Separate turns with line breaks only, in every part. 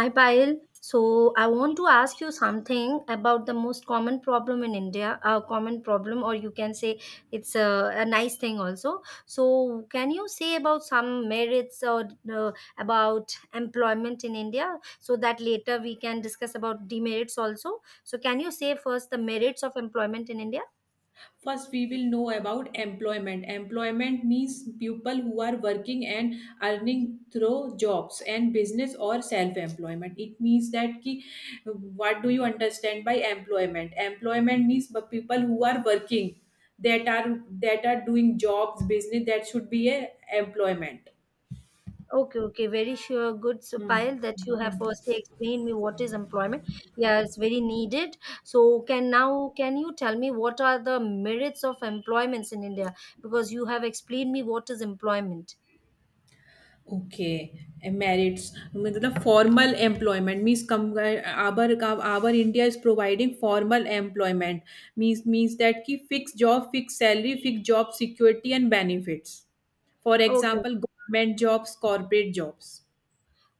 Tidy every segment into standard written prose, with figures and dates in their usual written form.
Hi Payal. So, I want to ask you something about the most common problem in India, a common problem, or you can say it's a nice thing also. So can you say about some merits or uh, about employment in India, so that later we can discuss about demerits also. So can you say first the merits of employment in India?
First, we will know about employment. Employment means people who are working and earning through jobs and business or self-employment. It means that ki, what do you understand by employment? Employment means the people who are working that are doing jobs, business that should be a employment.
Okay, okay, very sure. Good, so
Hmm.
Payal, that you have firstly explained me what is employment. Yeah, it's very needed. So, can now can you tell me what are the merits of employments in India? Because you have explained me what is employment.
Okay, merits. I mean, that formal employment means come, aber India is providing formal employment means that ki fixed job, fixed salary, fixed job security and benefits. For
Okay,
example, government jobs, corporate jobs.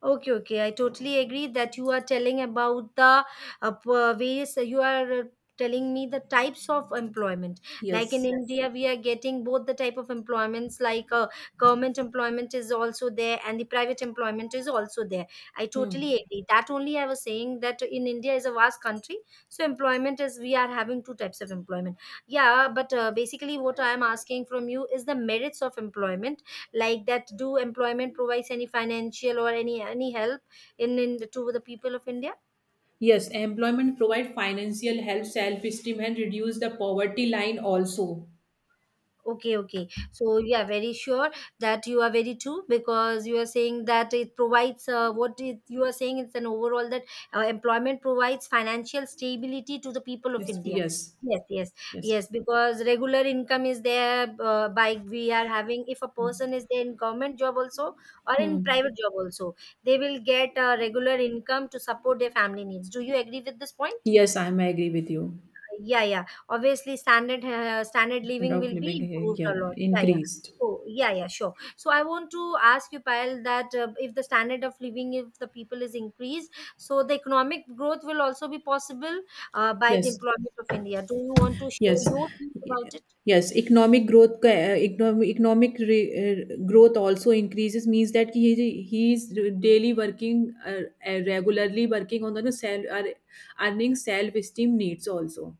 okay. I totally agree that you are telling about the various, you are telling me the types of employment. Like in
Yes.
Yes. India, we are getting both the type of employments, like government employment is also there and the private employment is also there. I
Hmm.
totally agree. That only I was saying that in India is a vast country. So employment is, we are having two types of employment. Yeah, but basically what I am asking from you is the merits of employment like that do employment provides any financial or any help in to the people of india.
Yes, employment provide financial help, self esteem, and reduce the poverty line also.
Okay, okay. So you are very sure that you are very true because you are saying that it provides what it, you are saying is an overall that employment provides financial stability to the people of
Yes.
India.
Yes.
Yes, yes,
Yes.
yes. Because regular income is there by we are having. If a person is there in government job also or in
Hmm.
private job also, they will get a regular income to support their family needs. Do you agree with this point?
Yes, I'm agree with you.
Yeah, yeah. Obviously, standard
Standard
living
of
will be
living here,
improved a
yeah,
lot. Yeah, yeah.
increased.
So yeah, yeah, sure. So I want to ask you, Payal, that if the standard of living, if the people is increased, so the economic growth will also be possible by the
Yes,
employment of India. Do you want to share
yes,
your views
y-
about it?
yes. Economic growth, का, economic re, growth also increases, means that he is daily working, regularly working on the self, earning self esteem needs also.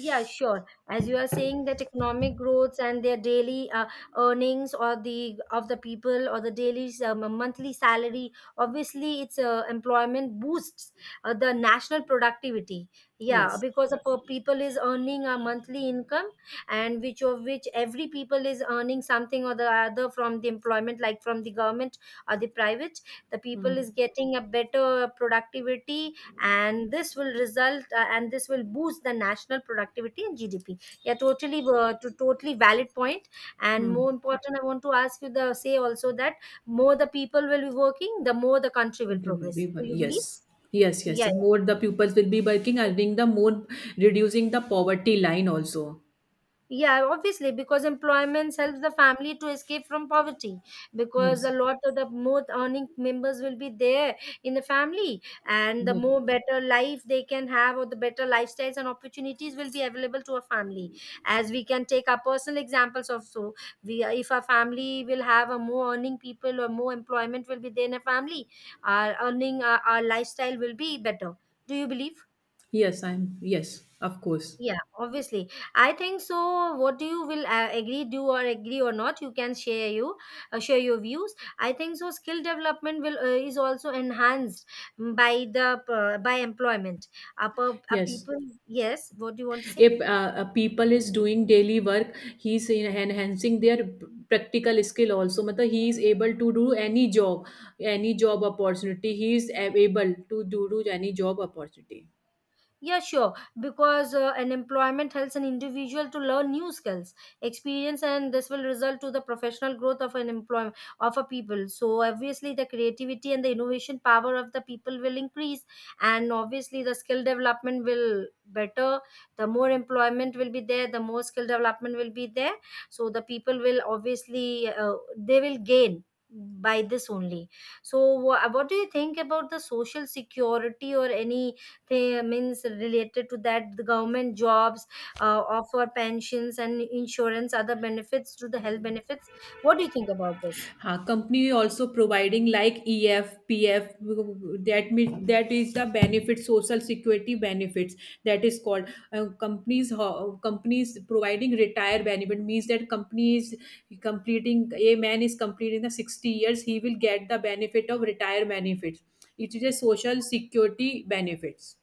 Yeah, sure. As you are saying that economic growths and their daily earnings or the of the people or the daily monthly salary, obviously it's employment boosts the national productivity. Yeah,
Yes.
because a per people is earning a monthly income, and which of which every people is earning something or the other from the employment, like from the government or the private. The
Hmm.
people is getting a better productivity, and this will boost the national productivity and gdp, yeah, totally valid point. And
Hmm.
more important I want to ask you the say also that more the people will be working, the more the country will
They will be
progress.
wor-
Do you believe?
Yes. Yes.
Yeah,
Yes, more the pupils will be working,
yeah.
earning the more, reducing the poverty line also.
Yeah, obviously, because employment helps the family to escape from poverty. Because a
Yes.
lot of the more earning members will be there in the family, and the
Yeah.
more better life they can have, or the better lifestyles and opportunities will be available to a family. As we can take our personal examples of so, we if a family will have a more earning people or more employment will be there in a family, our lifestyle will be better. Do you believe?
Yes. I'm. Yes, of course.
Yeah, obviously. I think so. What do you will agree, do or agree or not? You can share your views. I think so. Skill development will is also enhanced by the by employment. Upper uh,
Yes.
people, yes. What do you want to say?
If a people is doing daily work, enhancing their practical skill also, matlab he is able to do any job, any job opportunity he is ab- able to do any job opportunity.
Yeah, sure. Because an employment helps an individual to learn new skills, experience, and this will result to the professional growth of an employment of a people. So obviously, the creativity and the innovation power of the people will increase, and obviously, the skill development will better. The more employment will be there, the more skill development will be there. So the people will obviously they will gain by this only. So what do you think about the social security or any? They means related to that the government jobs offer pensions and insurance, other benefits to the health benefits. What do you think about this?
हाँ Company also providing like EFPF, that P that is the benefit, social security benefits, that is called security companies that is called companies providing retire benefit means. Completing a man is completing the 60 years, he will get the benefit of retire benefits. It is a social security benefits.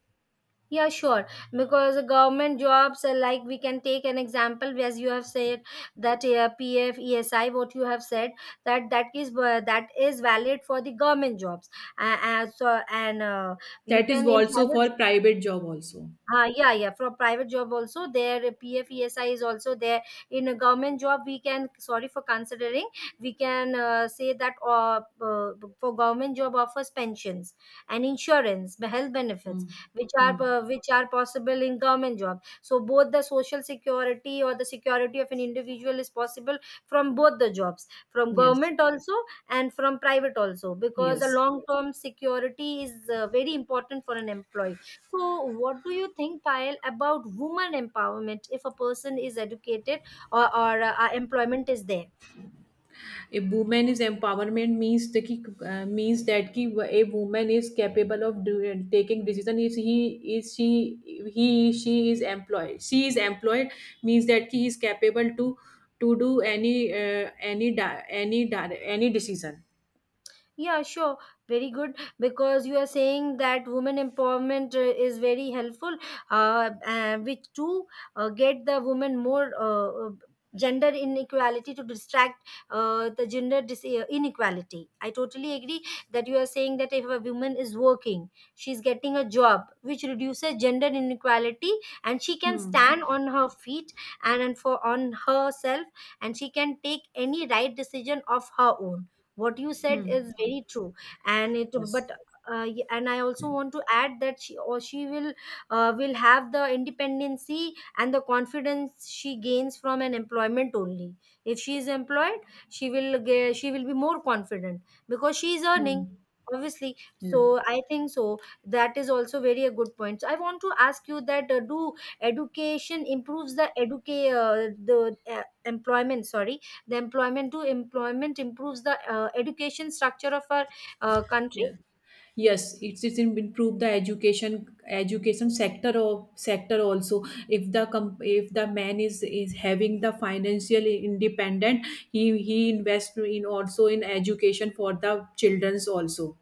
Yeah, sure. Because the government jobs are like we can take an example as you have said that PF ESI what you have said, that is that is valid for the government jobs, as and you
That is
can in
also
private.
for private job also.
Yeah, yeah. From private job also, their PF ESI is also there. In a government job, we can sorry for considering. We can say that for government job offers pensions and insurance, the health
Hmm.
benefits,
Hmm.
which are possible in government job. So both the social security or the security of an individual is possible from both the jobs, from
Yes.
government also and from private also, because a
Yes.
long term security is very important for an employee. So, what do you think, Payal, about woman empowerment if a person is educated or employment is there?
A woman is empowerment means the ki, means that ki a woman is capable of taking decision. If he is she he she is employed means that he is capable to do any any decision.
Yeah, sure. Very good. Because you are saying that women empowerment is very helpful, which to get the women more gender inequality to distract the gender inequality. I totally agree that you are saying that if a woman is working, she's getting a job which reduces gender inequality, and she can
Hmm.
stand on her feet and for on herself, and she can take any right decision of her own. What you said
Hmm.
is very true and it
Yes.
but and I also want to add that she will have the independency and the confidence she gains from an employment only. If she is employed, she will be more confident because she is earning,
Hmm.
obviously. So
Yeah.
I think so that is also very a good point. So I want to ask you that do education improves the educate the employment sorry the employment to employment improves the education structure of our country.
Yes. Yes, improve the education sector of sector also. If the comp, if the man is having the financial independent, he invest in also in education for the childrens also.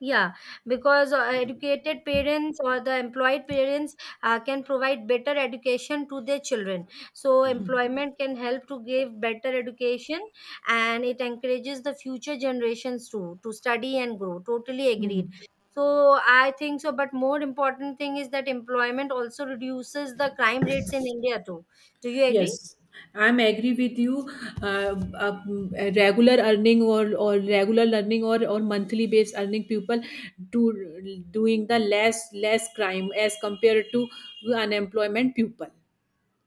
Yeah, because educated parents or the employed parents can provide better education to their children. So employment can help to give better education, and it encourages the future generations to study and grow. Totally
Hmm.
agreed. So I think so, but more important thing is that employment also reduces the crime rates in India too. Do you agree?
Yes, I'm agree with you. Uh, regular earning or regular learning or monthly based earning people do doing the less crime as compared to unemployment people.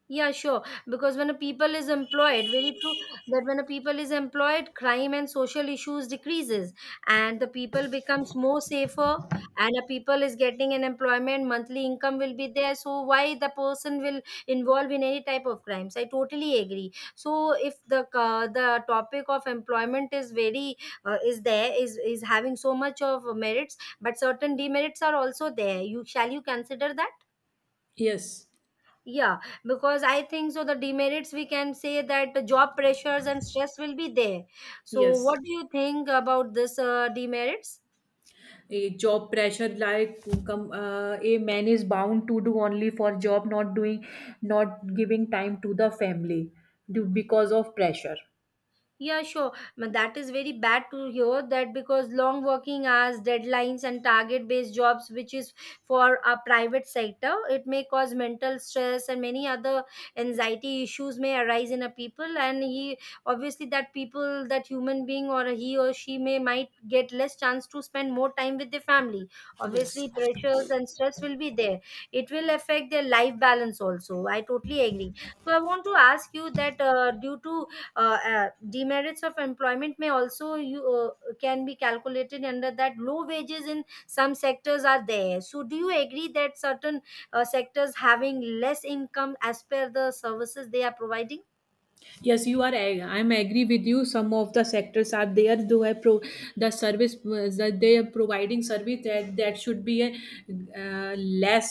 Yeah, sure. Because when a people is employed, very true that when a people is employed, crime and social issues decreases, and the people becomes more safer, and a people is getting an employment, monthly income will be there. So why the person will involve in any type of crimes? I totally agree. So if the the topic of employment is very is there is having so much of merits, but certain demerits are also there. You shall you consider that?
Yes,
Yeah, because I think so. The demerits we can say that the job pressures and stress will be there. So, what
yes.
do you think about this demerits?
A job pressure, like come, a man is bound to do only for job, not giving time to the family due, because of pressure.
Yeah, sure. But that is very bad to hear that because long working hours, deadlines, and target based jobs, which is for a private sector, it may cause mental stress and many other anxiety issues may arise in a people. And he obviously, that people, that human being, or he or she may might get less chance to spend more time with their family.
Yes.
Obviously, pressures and stress will be there. It will affect their life balance also. I totally agree. So, I want to ask you that due to demerits of employment may also you can be calculated under that low wages in some sectors are there. So do you agree that certain sectors having less income as per the services they are providing?
I'm agree with you. Some of the sectors are there. Though I pro the service that they are providing service, that should be a less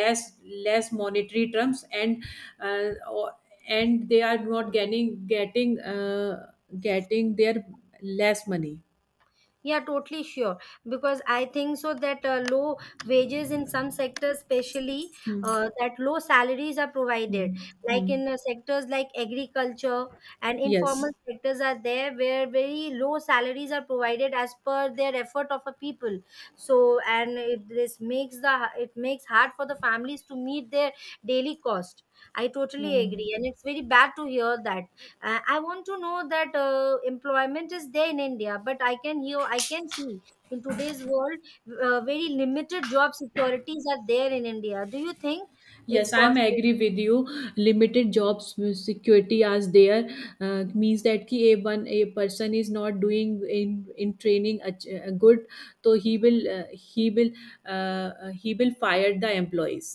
less less monetary terms and uh, or, and they are not getting getting getting their less money.
Yeah, totally sure. Because I think so that low wages in some sectors, especially
Hmm.
that low salaries are provided.
Hmm.
Like
Hmm.
in sectors like agriculture and informal
Yes.
sectors are there where very low salaries are provided as per their effort of a people. So this makes the it makes hard for the families to meet their daily cost. I totally agree,
Hmm.
and it's very bad to hear that. I want to know that employment is there in India but I can see in today's world very limited job securities are there in India. Do you think it's
Yes, I'm
possible?
agree with you. Limited jobs security as there, means that कि a one a person is not doing in training a good, so he will fire the employees.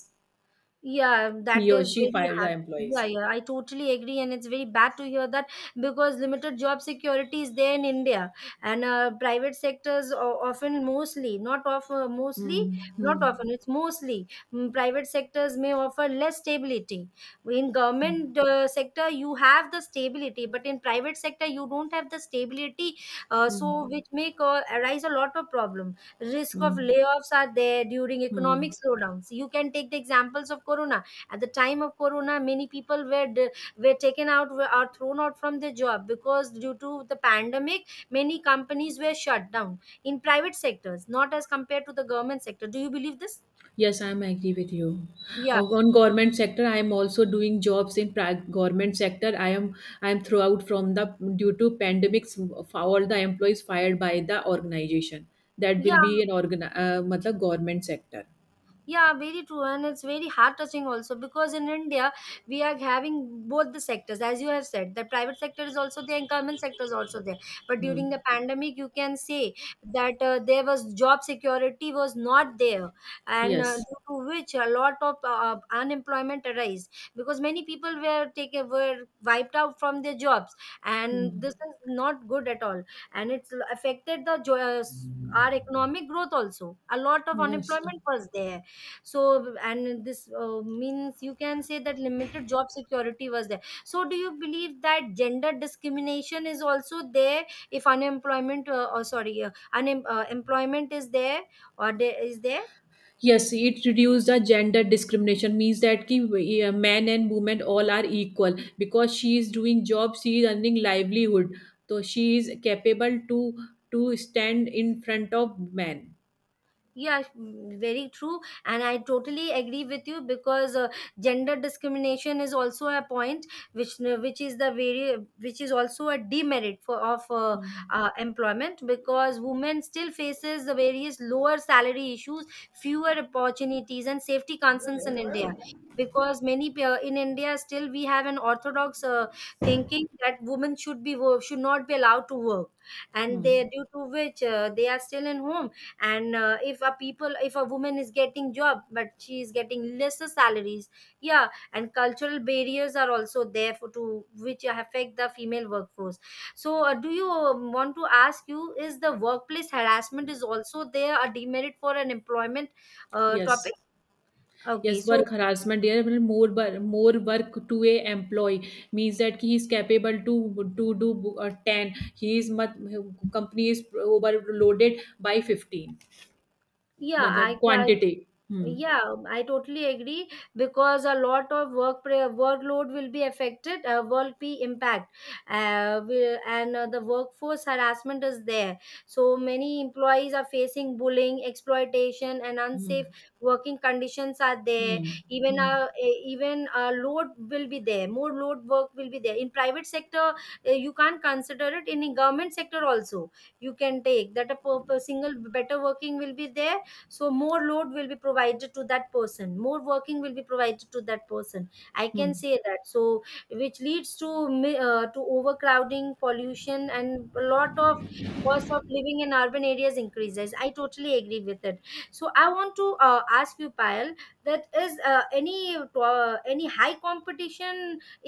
Yeah,
He
that
or
is
she
very
fire the
hard. Yeah,
employees.
yeah, I totally agree, and it's very bad to hear that because limited job security is there in India, and private sectors o- often, mostly, not often, mostly,
Hmm. Hmm.
not often, it's mostly mm, private sectors may offer less stability. In
Hmm.
government sector, you have the stability, but in private sector, you don't have the stability,
Hmm.
so which may arise a lot of problem. Risk of
Hmm.
layoffs are there during economic
Hmm.
slowdowns. You can take the examples of corona. At the time of corona, many people were were taken out were, or thrown out from their job because due to the pandemic many companies were shut down in private sectors not as compared to the government sector. Do you believe this?
Yes, I'm agree with you.
Yeah,
On government sector, I am also doing jobs in government sector. I am throughout from the, due to pandemics, all the employees fired by the organization. That will
yeah.
be an organ, matlab government sector.
Yeah, very true, and it's very heart touching also because in India we are having both the sectors, as you have said. The private sector is also there, and government sector is also there. But
Hmm.
during the pandemic, you can say that there was job security was not there, and
Yes.
due to which a lot of unemployment arose because many people were taken were wiped out from their jobs,
Hmm.
and this is not good at all, and it's affected the our economic growth also. A lot of
Yes.
unemployment was there. So and this means you can say that limited job security was there. So do you believe that gender discrimination is also there if unemployment or sorry employment is there or there is there?
Yes, it reduced the gender discrimination, means that ki, men and women all are equal, because she is doing job, she is earning livelihood, so she is capable to stand in front of men.
Yeah, mm, very true. And I totally agree with you because gender discrimination is also a point which is the very which is also a demerit for of
Hmm.
employment because women still faces the various lower salary issues, fewer opportunities, and safety concerns in India. Because many in India still we have an orthodox thinking that women should be should not be allowed to work, and
Hmm.
they due to which they are still in home and if a people if a woman is getting job but she is getting lesser salaries, yeah, and cultural barriers are also there for to which affect the female workforce. So do you want to ask you, is the workplace harassment is also there a demerit for an employment topic?
Yes.
Okay,
Yes,
so
work harassment. There are more work to a employee, means that he is capable to do ten. He is much, company is overloaded by 15.
yeah, i
मतलब
I
quantity. Hmm.
yeah, I totally agree because a lot of workload will be affected, will be impact, will and the workforce harassment is there. So many employees are facing bullying, exploitation, and
Hmm.
unsafe working conditions are there.
Hmm.
Even
Hmm.
a even a load will be there. More load work will be there in private sector. You can't consider it in government sector also. You can take that a, per single better working will be there. So more load will be provided to that person, more working will be provided to that person, I
Hmm.
can say that. So which leads to to overcrowding, pollution, and a lot of cost of living in urban areas increases. I totally agree with it. So I want to ask you, Payal, that is any high competition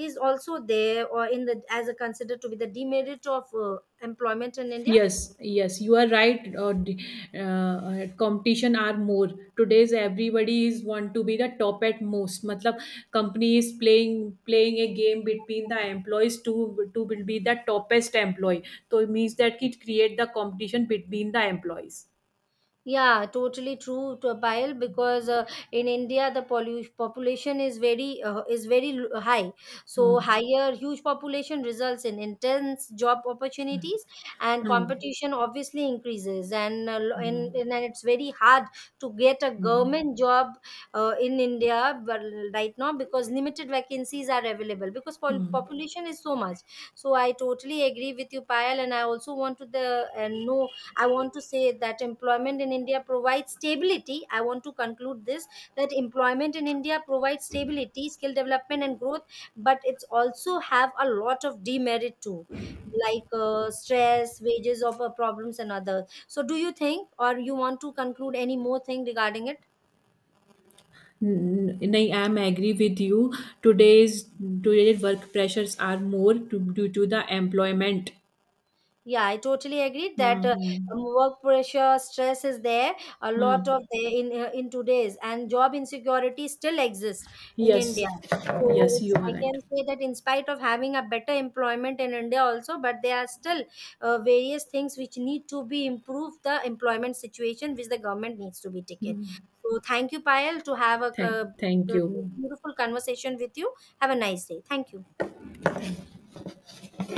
is also there or in the as a considered to be the demerit of employment in India?
Yes, yes, you are right. Competition are more today's. Everybody is want to be the top at most. मतलब company is playing a game between the employees to will be the topest employee. So it means that it create the competition between the employees.
Yeah, totally true, to Payal. Because in India, the population is very high. So
Hmm.
higher huge population results in intense job
Hmm.
opportunities, and
Hmm.
competition obviously increases. And
Hmm.
and then it's very hard to get a
Hmm.
government job in India but right now because limited vacancies are available because
Hmm.
population is so much. So I totally agree with you, Payal, and I also want to the and know I want to say that employment in India provides stability. I want to conclude this that employment in India provides stability, skill development, and growth, but it's also have a lot of demerit too, like stress, wages, or problems, and other. So, do you think, or you want to conclude any more thing regarding it?
I am agree with you. Today's today's work pressures are more to, due to the employment.
Yeah, I totally agree that
Hmm. Hmm.
work pressure, stress is there a lot of
Hmm.
there in today's, and job insecurity still exists in
Yes,
India. So
yes, you
it's
are
I
right.
can say that in spite of having a better employment in India also, but there are still various things which need to be improved the employment situation which the government needs to be taken.
Hmm.
So thank you, Payal, to have a
Thank
b-
you.
beautiful conversation with you. Have a nice day. Thank you.